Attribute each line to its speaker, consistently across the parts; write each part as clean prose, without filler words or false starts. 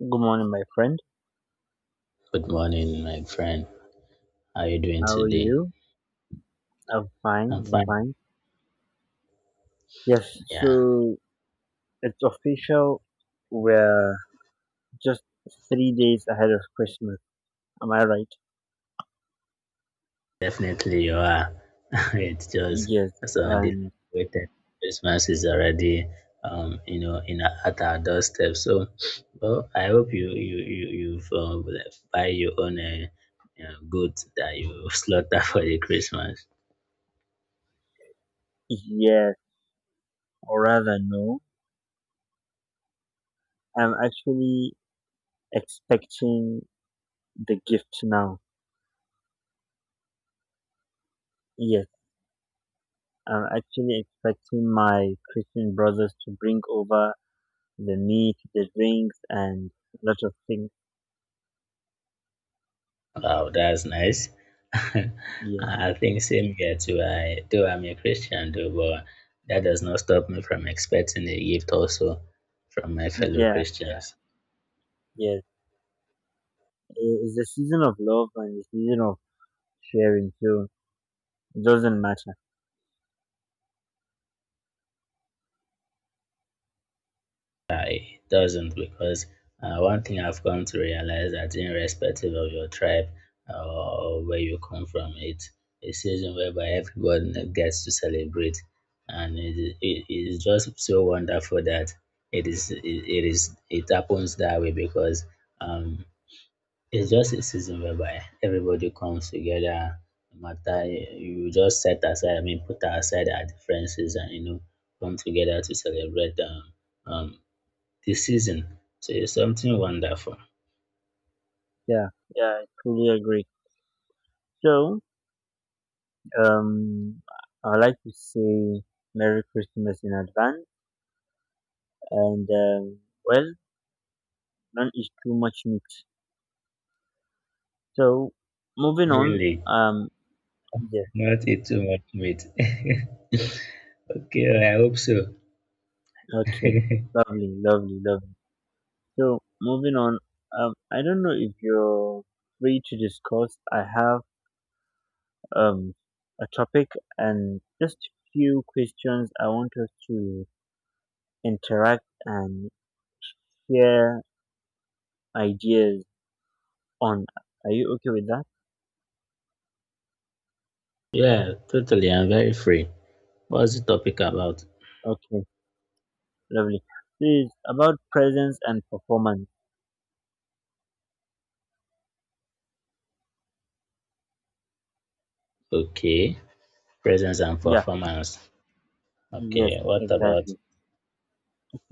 Speaker 1: Good morning, my friend.
Speaker 2: Good morning, my friend. How are you doing
Speaker 1: How are
Speaker 2: today?
Speaker 1: you? I'm
Speaker 2: I'm
Speaker 1: fine. I'm
Speaker 2: fine.
Speaker 1: fine. Yes,
Speaker 2: Yeah,
Speaker 1: so it's official. We're just 3 days ahead of Christmas. Am I right?
Speaker 2: definitely you are. It's just
Speaker 1: Yes,
Speaker 2: so
Speaker 1: and
Speaker 2: anticipated. Christmas is already, you know, at our doorstep. So, well, I hope you've buy your own goat that you slaughter for the Christmas.
Speaker 1: yes, or rather, no. I'm actually expecting the gift now. Yes, I'm actually expecting my Christian brothers to bring over the meat, the drinks, and a lot of things.
Speaker 2: Wow, that's nice.
Speaker 1: Yes,
Speaker 2: I think same here too. I though I'm a Christian though, but that does not stop me from expecting a gift also from my fellow
Speaker 1: yeah, yeah.
Speaker 2: Christians.
Speaker 1: Yeah. It's the season of love and the season of sharing, so it doesn't matter.
Speaker 2: I doesn't because one thing I've come to realize that irrespective of your tribe or where you come from, it's a season whereby everyone gets to celebrate, and it is just so wonderful that it happens that way because um it's just a season whereby everybody comes together, no matter you just set aside, I mean, put aside our differences and you know, come together to celebrate um the season. So it's something wonderful.
Speaker 1: Yeah, yeah, I truly agree. So, um, I like to say Merry Christmas in advance, and well, none is too much meat. So, moving on,
Speaker 2: Really,
Speaker 1: um, yes,
Speaker 2: not eat too much meat. Okay, I hope so.
Speaker 1: okay, lovely, lovely, lovely. So, moving on, I don't know if you're free to discuss. I have um, a topic and just few questions I want us to interact and share ideas on. Are you okay with that?
Speaker 2: Yeah, totally. I'm very free. What's the topic about?
Speaker 1: Okay, lovely. This is about presence and performance.
Speaker 2: Okay, presence and
Speaker 1: Yeah,
Speaker 2: performance.
Speaker 1: yes,
Speaker 2: Okay, what about?
Speaker 1: exactly.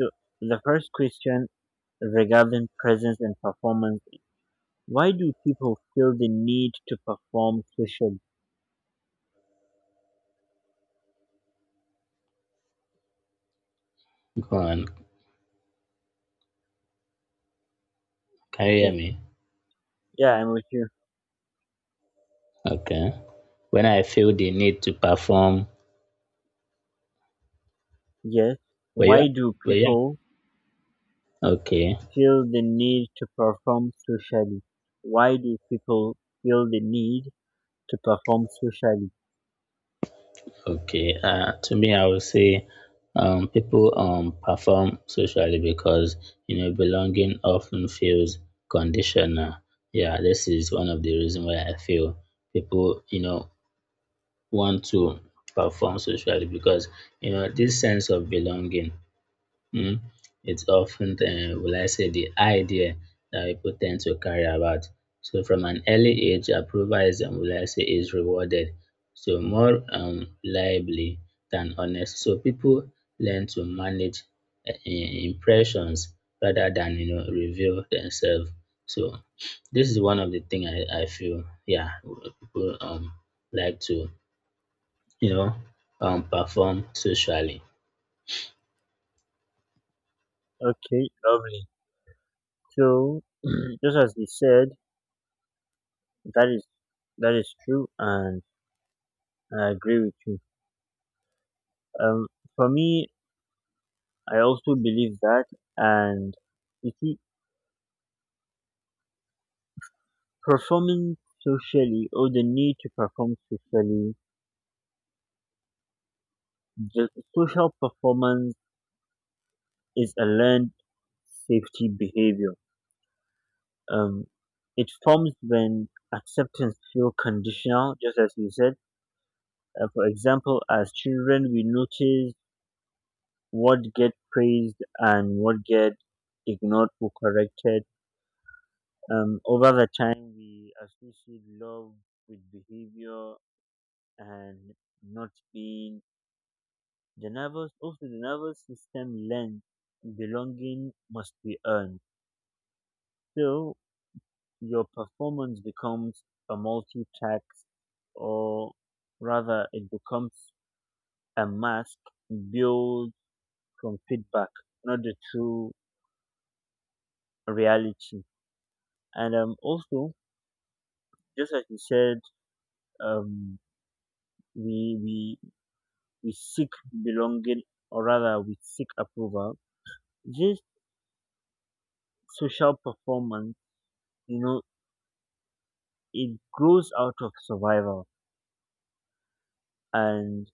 Speaker 1: So the first question regarding presence and performance, why do people feel the need to perform socially?
Speaker 2: Go on. Can you hear
Speaker 1: Yes.
Speaker 2: me?
Speaker 1: Yeah, I'm with you.
Speaker 2: Okay. When I feel the need to perform,
Speaker 1: Yes.
Speaker 2: were you,
Speaker 1: Why do
Speaker 2: were you
Speaker 1: people
Speaker 2: okay?
Speaker 1: feel the need to perform socially? Why do people feel the need to perform socially?
Speaker 2: Okay. To me, I would say people perform socially because you know belonging often feels conditional. Yeah, this is one of the reasons why I feel people you know want to perform socially because you know this sense of belonging. Mm, it's often, will I say, the idea that people tend to carry about. So from an early age, approval is, will I say, is rewarded. So more reliably than honest. So people learn to manage impressions rather than you know reveal themselves. So this is one of the thing I feel. Yeah, people like to you know perform socially.
Speaker 1: Okay, lovely. So, just as we said, that is that is true, and I agree with you. Um, for me, I also believe that, and you see, performing socially or the need to perform socially, the social performance is a learned safety behavior. Um, it forms when acceptance feels conditional, just as you said. For example, as children, we notice what get praised and what get ignored or corrected. Over the time, we associate love with behavior and not being. The nervous system learns belonging must be earned. So your performance becomes a multi-text, or rather it becomes a mask built from feedback, not the true reality. And also, just as you said, um, we we we seek belonging, or rather we seek approval. This social performance, you know, it grows out of survival, and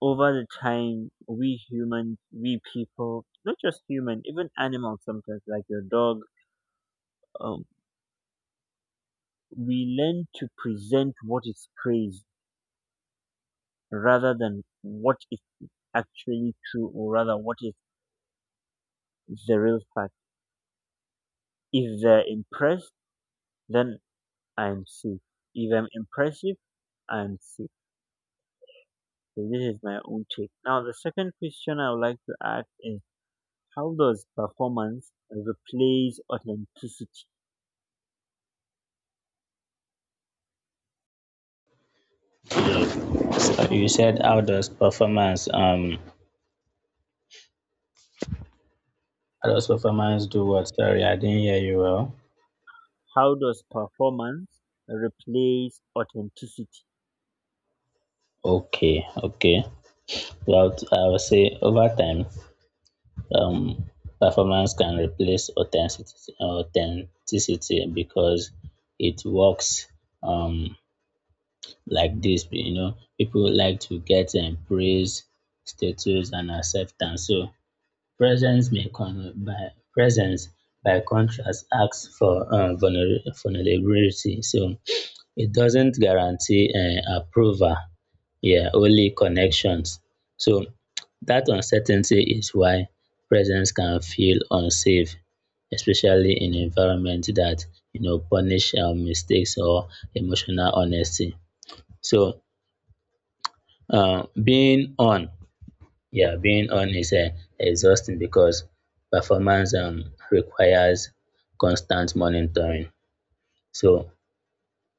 Speaker 1: over the time, we humans, we people, not just human, even animals, sometimes like your dog, um, we learn to present what is praised rather than what is actually true, or rather what is the real fact. If they're impressed, then I'm safe. If I'm impressive, I'm safe. So this is my own take. Now the second question I would like to ask is, how does performance replace authenticity?
Speaker 2: So you said how does performance do what? Sorry, I didn't hear you well.
Speaker 1: How does performance replace authenticity?
Speaker 2: Okay. Well, I would say over time, um, performance can replace authenticity because it works um like this. You know, people like to get praise, status, and acceptance. So presence, presence, by contrast, asks for vulnerability. So it doesn't guarantee approval, yeah, only connections. So that uncertainty is why presence can feel unsafe, especially in environment that you know punish mistakes or emotional honesty. So uh, being on yeah, being on is exhausting because performance requires constant monitoring. So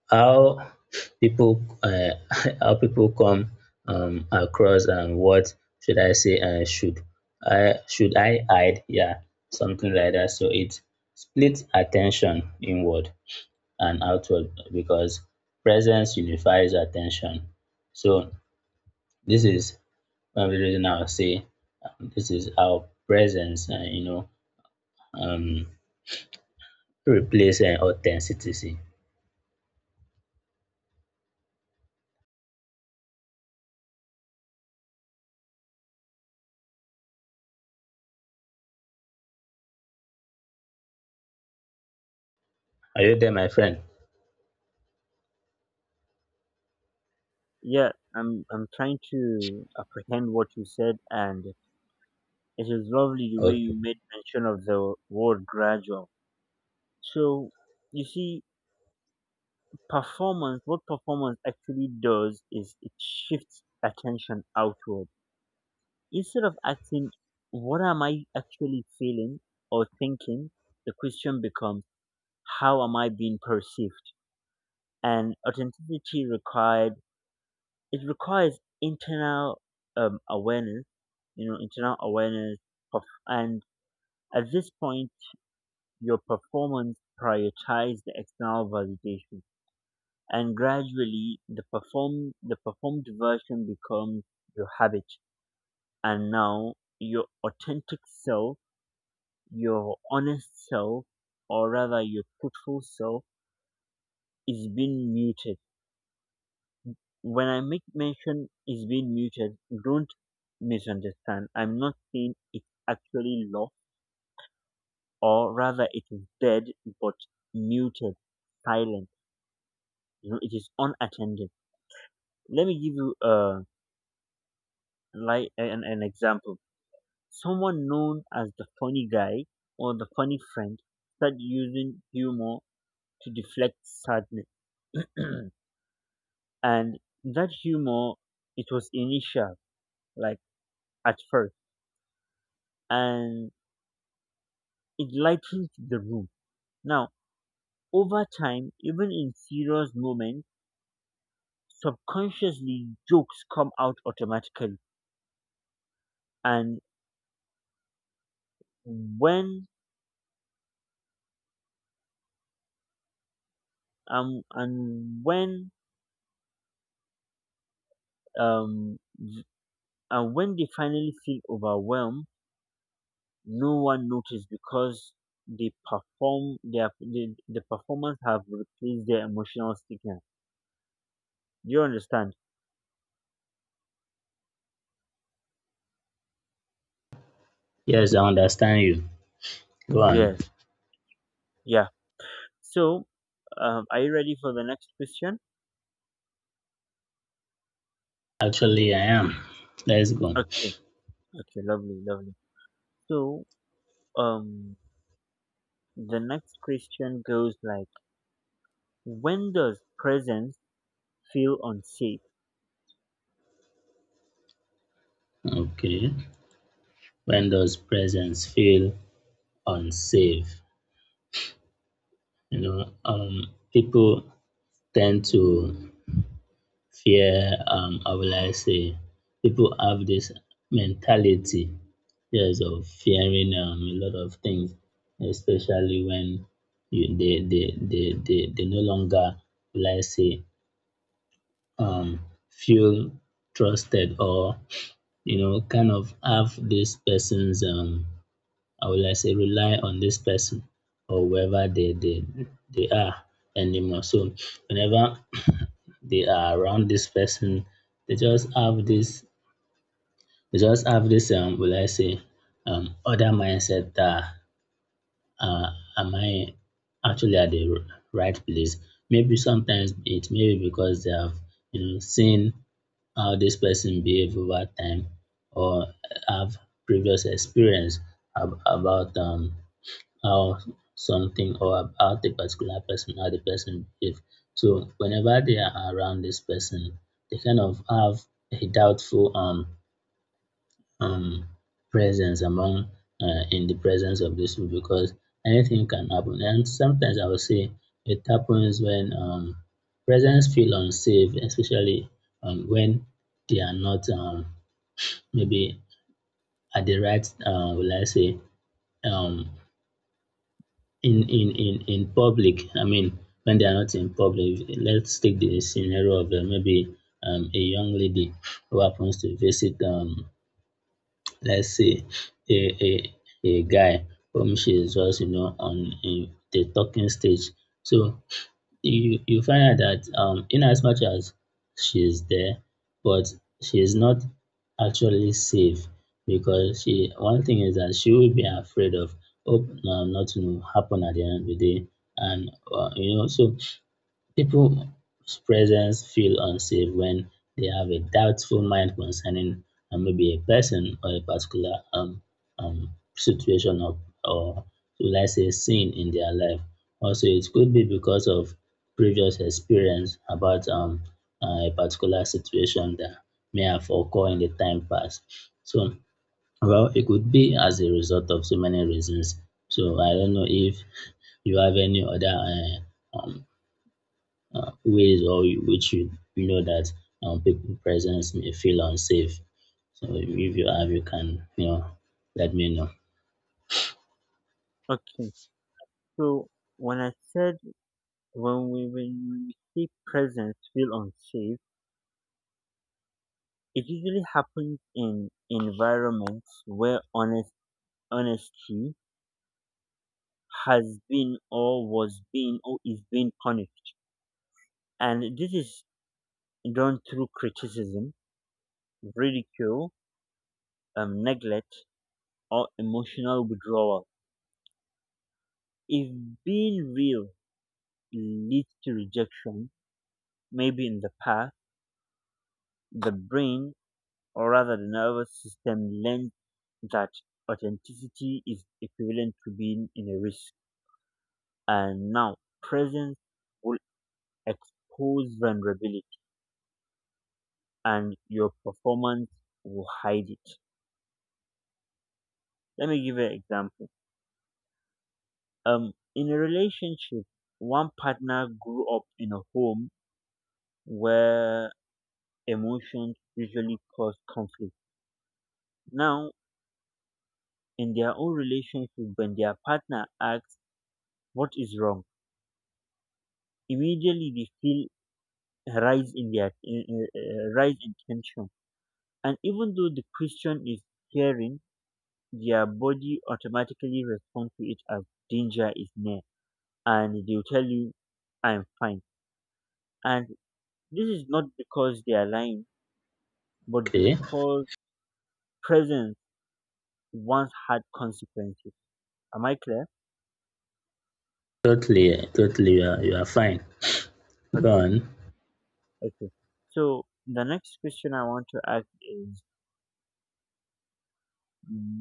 Speaker 2: how people how people come across and what should I say should I hide? Yeah, something like that. So it splits attention inward and outward because presence unifies attention. So this is what I'm using now say this is our presence and you know um replace authenticity. Are you there, my friend?
Speaker 1: Yeah, I'm trying to apprehend what you said, and it is lovely the way
Speaker 2: Okay.
Speaker 1: you made mention of the word gradual. So you see, performance. What performance actually does is it shifts attention outward, instead of asking, "What am I actually feeling or thinking?" The question becomes, "How am I being perceived?" And authenticity required it requires internal awareness, internal awareness of, and at this point, your performance prioritizes the external validation, and gradually the performed version becomes your habit, and now your authentic self, your honest self, or rather your truthful self, is being muted. When I make mention is being muted, don't misunderstand. I'm not saying it's actually lost, or rather it is dead, but muted, silent. You know, it is unattended. Let me give you an example. Someone known as the funny guy or the funny friend started using humor to deflect sadness. And that humor, it was initial, like at first, and it lightened the room. Now, over time, even in serious moments, subconsciously jokes come out automatically. And when um and when um and when they finally feel overwhelmed, no one notices because they perform the performance have replaced their emotional signal. Do you understand?
Speaker 2: Yes, I understand you. Go
Speaker 1: Yeah,
Speaker 2: on.
Speaker 1: yeah. So, are you ready for the next question?
Speaker 2: Actually, I am. Let's go.
Speaker 1: Okay, okay, lovely, lovely. So, um, The next question goes like, when does presence feel unsafe?
Speaker 2: Okay. When does presence feel unsafe? You know, people tend to fear. How will I say? People have this mentality. Yes, of fearing a lot of things, especially when you they no longer let's say um feel trusted or you know kind of have this person's I would like say rely on this person or whoever they are anymore. So whenever they are around this person, they just have this they just have this will I say other mindset that am I actually at the right place? Maybe sometimes it may be because they have you know seen how this person behave over time or have previous experience about how something or about the particular person, how the person behave. So whenever they are around this person, they kind of have a doubtful um presence among in the presence of these people because anything can happen. And sometimes I would say it happens when presents feel unsafe, especially when they are not maybe at the right, will I say, um, in public. I mean, when they are not in public, let's take the scenario of maybe a young lady who happens to visit let's say a a a guy whom she is just you know on in the talking stage. So you find out that in as much as she is there, but she is not actually safe because she one thing is that she will be afraid of hope nothing will happen at the end of the day and you know so people's presence feel unsafe when they have a doubtful mind concerning maybe a person or a particular situation or should I say sin in their life. Also, it could be because of previous experience about a particular situation that may have occurred in the time past. So, well, it could be as a result of so many reasons. So, I don't know if you have any other ways or which you know that people presence may feel unsafe. So if you have, you can you know let me know.
Speaker 1: Okay, so when I said when we say presence feel unsafe, it usually happens in environments where honesty has been or was being or is being punished, and this is done through criticism, ridicule, neglect, or emotional withdrawal. If being real leads to rejection, maybe in the past, the brain or rather the nervous system learned that authenticity is equivalent to being in a risk. And now presence will expose vulnerability and your performance will hide it. Let me give you an example. In a relationship, one partner grew up in a home where emotions usually cause conflict. Now in their own relationship, when their partner asks what is wrong, immediately they feel a rise in their in- rise in tension, and even though the question is caring, their body automatically responds to it as danger is near, and they'll tell you, "I'm fine," and this is not because they are lying, but
Speaker 2: Okay,
Speaker 1: because presence once had consequences. Am I clear?
Speaker 2: totally, totally, you are fine. Go
Speaker 1: Okay.
Speaker 2: on.
Speaker 1: Okay. So the next question I want to ask is,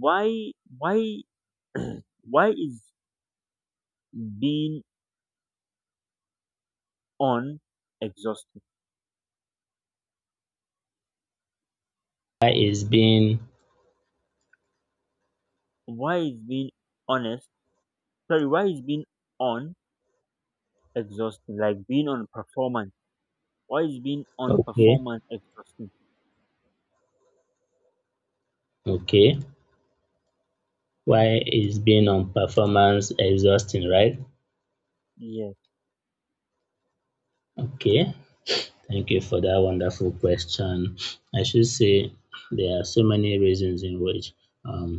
Speaker 1: why why why is being on exhausting?
Speaker 2: Why is being
Speaker 1: Why is being honest, sorry, why is being on exhausting, like being on performance? Why is being on
Speaker 2: okay?
Speaker 1: performance exhausting?
Speaker 2: Okay. Why is being on performance exhausting? Right.
Speaker 1: Yeah,
Speaker 2: Okay. Thank you for that wonderful question. I should say there are so many reasons in which um,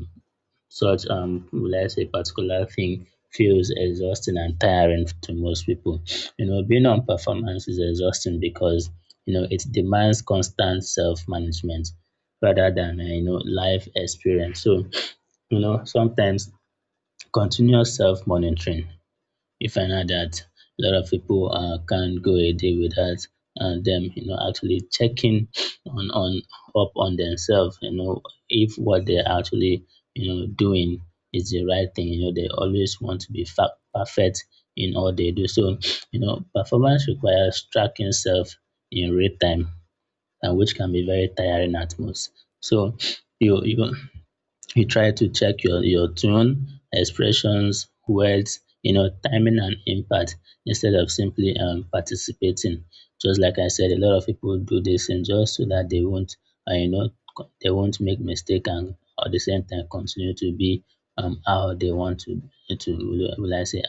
Speaker 2: Let's say, particular thing feels exhausting and tiring to most people. You know, being on performance is exhausting because, you know, it demands constant self management rather than, you know, life experience. So, you know, sometimes continuous self monitoring you find out that a lot of people can't go a day without them, you know, actually checking on up on themselves, you know, if what they're actually, you know, doing is the right thing. You know, they always want to be perfect in all they do. So, you know, performance requires tracking self in real time, and which can be very tiring at most. So, you you go you try to check your tone, expressions, words, you know, timing and impact instead of simply participating. Just like I said, a lot of people do this and just so that they won't, you know, they won't make mistake and at the same time continue to be how they want to, will I say,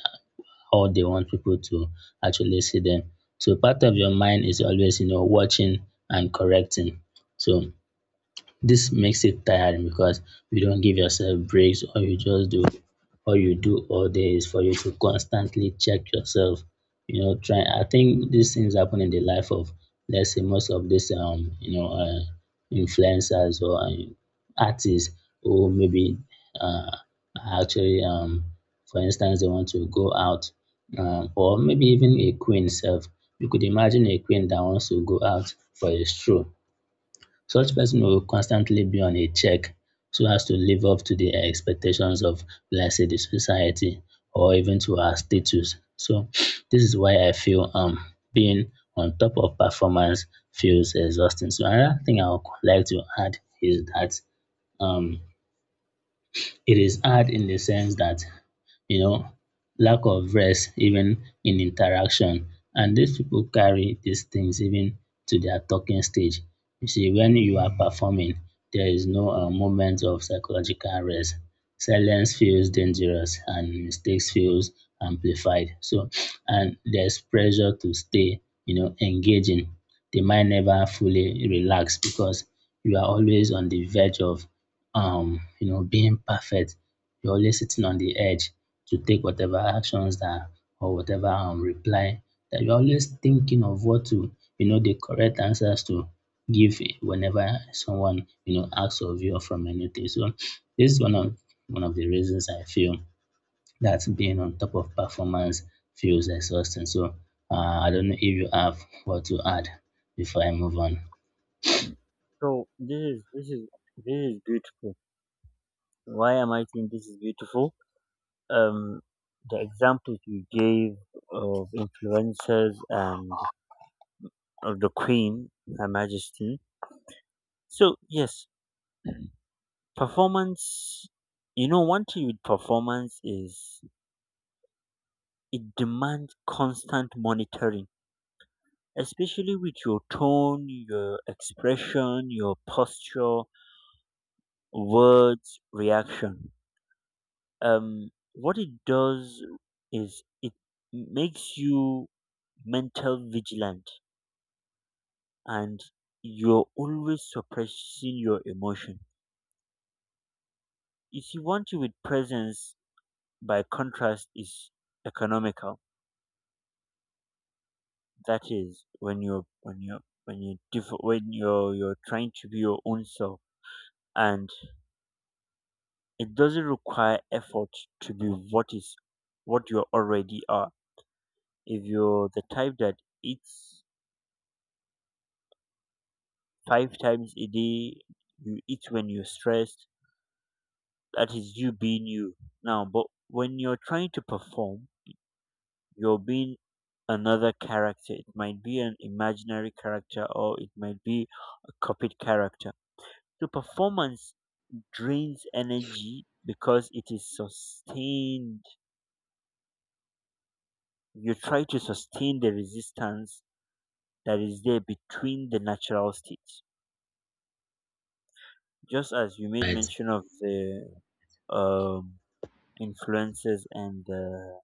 Speaker 2: how they want people to actually see them. So part of your mind is always, you know, watching and correcting. So this makes it tiring because you don't give yourself breaks or you just do or you do all day is for you to constantly check yourself. You know, try I think these things happen in the life of let's say most of these you know influencers or artists who maybe uh, are actually for instance they want to go out or maybe even a queen self. You could imagine a queen that wants to go out for a stroll such person will constantly be on a check so as to live up to the expectations of, let's say, the society or even to our status. So this is why I feel being on top of performance feels exhausting. So another thing I would like to add is that um it is hard in the sense that, you know, lack of rest, even in interaction. And these people carry these things even to their talking stage. You see, when you are performing, there is no moment of psychological rest. Silence feels dangerous and mistakes feels amplified. So, and there's pressure to stay, you know, engaging. The mind never fully relax because you are always on the verge of you know, being perfect. You're always sitting on the edge to take whatever actions that or whatever reply that you're always thinking of what to, you know, the correct answers to give whenever someone, you know, asks of you or from anything. So this is one of the reasons I feel that being on top of performance feels exhausting. So I don't know if you have what to add before I move on.
Speaker 1: so this is beautiful. Why am I saying this is beautiful? Um the examples you gave of influencers and of the queen, her majesty. So yes. Performance, one thing with performance is it demands constant monitoring, especially with your tone, your expression, your posture, words, reaction. What it does is it makes you mental vigilant, and you're always suppressing your emotion. You see, one thing with presence, by contrast, is economical. That is when you're trying to be your own self, and it doesn't require effort to be what is what you already are. If you're the type that eats five times a day, you eat when you're stressed. That is you being you. Now but when you're trying to perform, you're being another character. It might be an imaginary character, or it might be a copied character. So performance drains energy because it is sustained. You try to sustain the resistance that is there between the natural states, just as you made
Speaker 2: Right.
Speaker 1: mention of the um, influences and the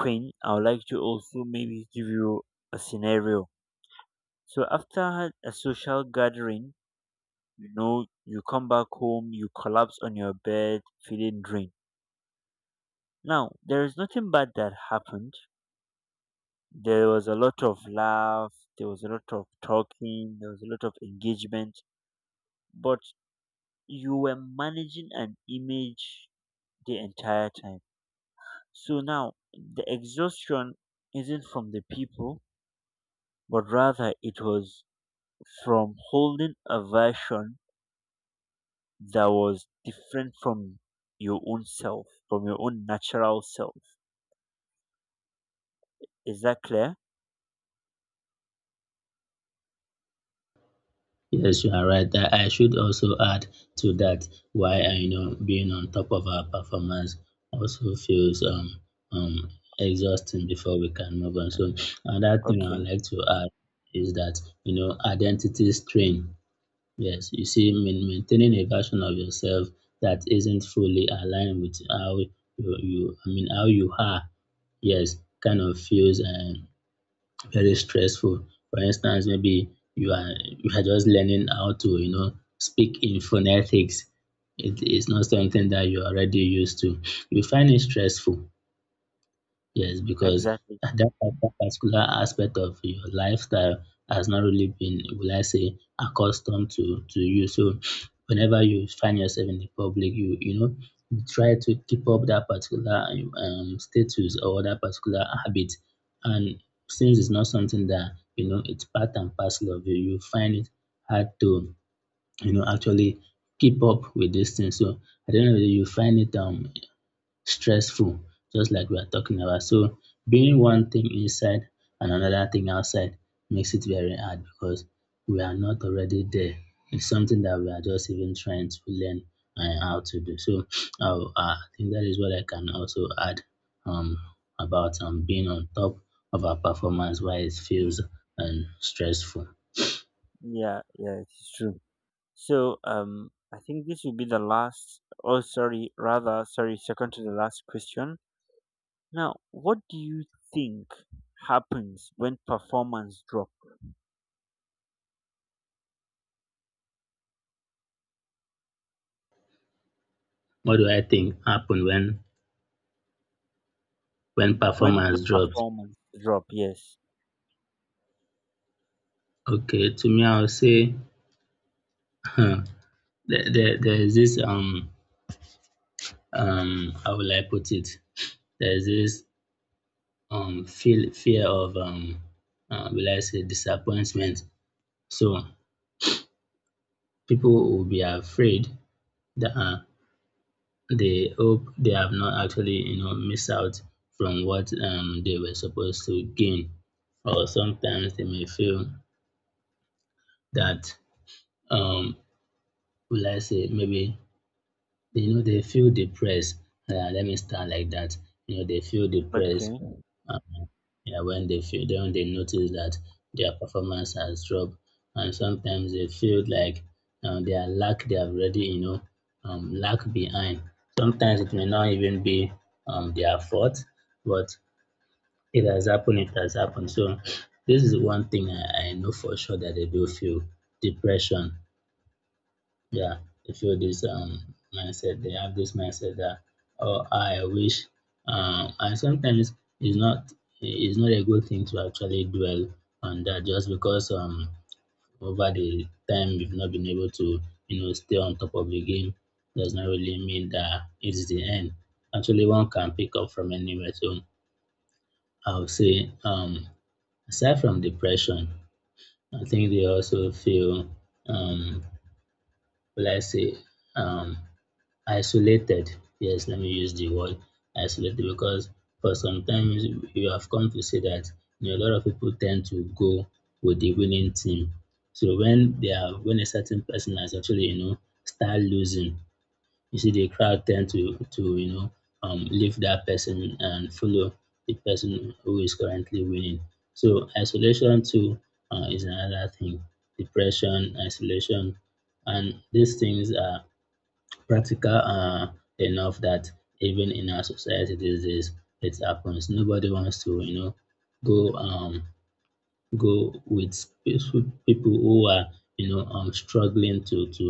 Speaker 1: queen. I would like to also maybe give you a scenario. So after a social gathering, you know you come back home, you collapse on your bed feeling drained. Now there is nothing bad that happened. There was a lot of laugh, there was a lot of talking, there was a lot of engagement, but you were managing an image the entire time. So now the exhaustion isn't from the people, but rather it was from holding a version that was different from your own self, from your own natural self. Is that clear?
Speaker 2: Yes, you are right. I should also add to that why I you know being on top of our performance also feels um exhausting before we can move on. So another thing I'd
Speaker 1: Okay,
Speaker 2: like to add is that you know identity strain. Yes, you see, maintaining a version of yourself that isn't fully aligned with how you, you I mean how you are yes, kind of feels very stressful. For instance, maybe you are just learning how to speak in phonetics. It is not something that you're already used to. You find it stressful. Yes, because
Speaker 1: exactly.
Speaker 2: that particular aspect of your lifestyle has not really been, will I say, accustomed to you. So whenever you find yourself in the public, you try to keep up that particular status or that particular habit. And since it's not something that it's part and parcel of you, you find it hard to actually keep up with this thing. So I don't know whether you find it stressful just like we are talking about. So being one thing inside and another thing outside makes it very hard because we are not already there. It's something that we are just even trying to learn and how to do. So I think that is what I can also add um, about being on top of our performance, why it feels and stressful.
Speaker 1: Yeah, yeah, it's true. So I think this will be the last. Oh, sorry, rather, sorry, second to the last question. Now, what do you think happens when performance drop?
Speaker 2: What do I think happened when
Speaker 1: When the
Speaker 2: performance drops?
Speaker 1: performance drop? Yes.
Speaker 2: Okay, to me, I would say there, there is this how will I put it? There's this feel fear of will I say disappointment. So people will be afraid that they hope they have not actually missed out from what they were supposed to gain, or sometimes they may feel that um will I say maybe they feel depressed. Yeah, let me start like that. You know, they feel depressed.
Speaker 1: Okay.
Speaker 2: Um, yeah, when they feel, then they notice that their performance has dropped, and sometimes they feel like they are lack they have already, lack behind. Sometimes it may not even be their fault, but it has happened. It has happened. So this is one thing I know for sure that they do feel depression, yeah, they feel this mindset. They have this mindset that oh, I wish. And sometimes it's not it's not a good thing to actually dwell on that just because over the time you've not been able to stay on top of the game does not really mean that it's the end. Actually, one can pick up from anywhere. So I would say aside from depression, I think they also feel um let's say um isolated. Yes, let me use the word isolated because for sometimes you have come to see that, you know, a lot of people tend to go with the winning team. So when they are when a certain person has actually, you know, start losing, you see the crowd tend to you know leave that person and follow the person who is currently winning. So isolation too, is another thing. Depression, isolation, and these things are practical enough that even in our society these days it happens. Nobody wants to go go with peaceful people who are struggling to to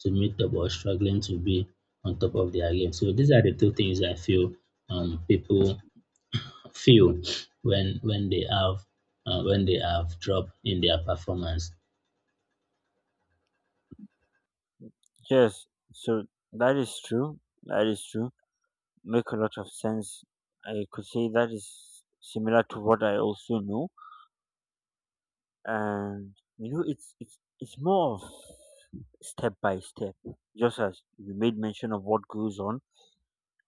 Speaker 2: to meet up or struggling to be on top of their game. So these are the two things I feel people feel when they have when they have drop in their performance.
Speaker 1: Yes. So that is true. That is true. Make a lot of sense. I could say that is similar to what I also know, and it's more of step by step. Just as you made mention of what goes on.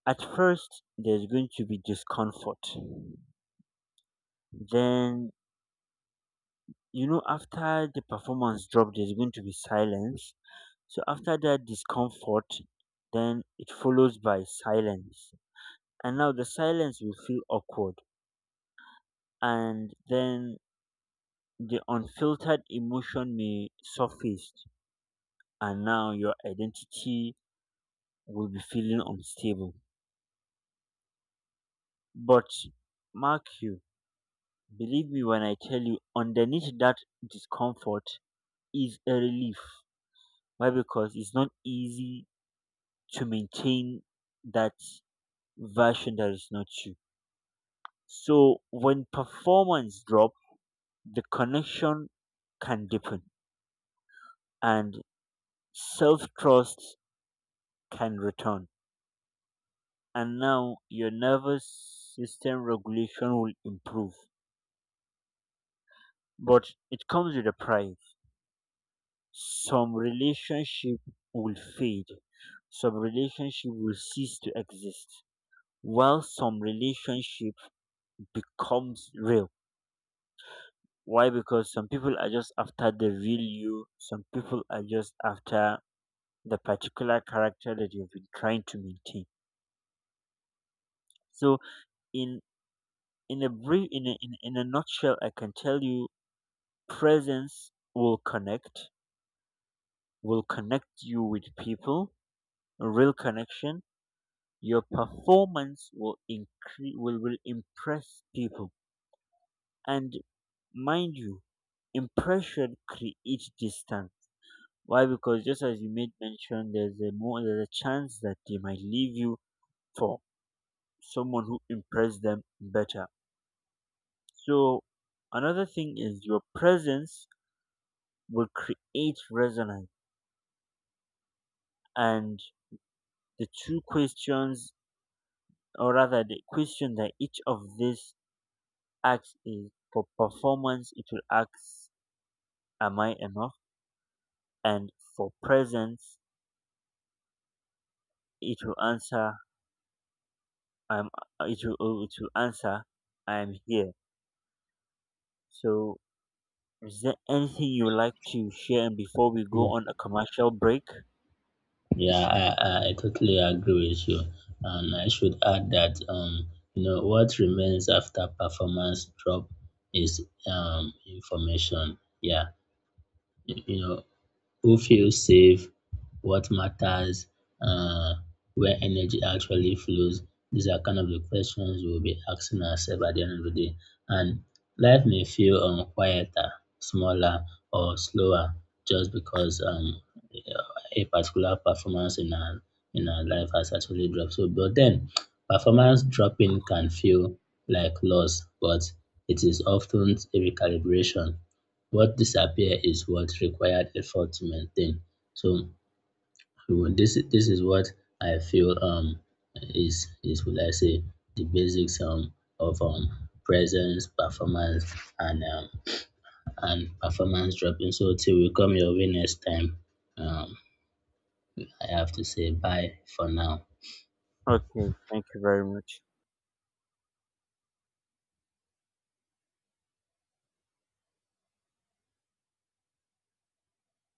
Speaker 1: At first, there's going to be discomfort. Then, after the performance drop, there's going to be silence. So, after that discomfort, then it follows by silence. And now the silence will feel awkward. And then the unfiltered emotion may surface. And now your identity will be feeling unstable. But, mark you, believe me when I tell you, underneath that discomfort, is a relief. Why? Because it's not easy to maintain that version that is not you. So when performance drop, the connection can deepen, and self trust can return. And now your nervous system regulation will improve. But it comes with a price. Some relationship will fade. Some relationship will cease to exist. While some relationship becomes real. Why? Because some people are just after the real you, some people are just after the particular character that you've been trying to maintain. So in in a nutshell, I can tell you presence will connect you with people, a real connection. Your performance will impress people. And mind you, impression creates distance. Why? Because just as you made mention, there's a chance that they might leave you for someone who impressed them better. So another thing is your presence will create resonance, and the two questions, or rather the question that each of these acts is for performance, it will ask, "Am I enough?" And for presence, it will answer, "I'm." It will answer, "I am here." So, is there anything you would like to share before we go on a commercial break?
Speaker 2: Yeah, I totally agree with you. And I should add that you know what remains after performance drop is, information. Yeah, you know who feels safe? What matters? Uh, where energy actually flows? These are kind of the questions we'll be asking ourselves at the end of the day. And life may feel quieter, smaller, or slower just because a particular performance in our life has actually dropped. So, but then performance dropping can feel like loss, but it is often a recalibration. What disappear is what required effort to maintain. So well, this is what I feel is will I say the basics of presence, performance and um and performance dropping. So till we come your way next time, um I have to say bye for now.
Speaker 1: Okay, thank you very much.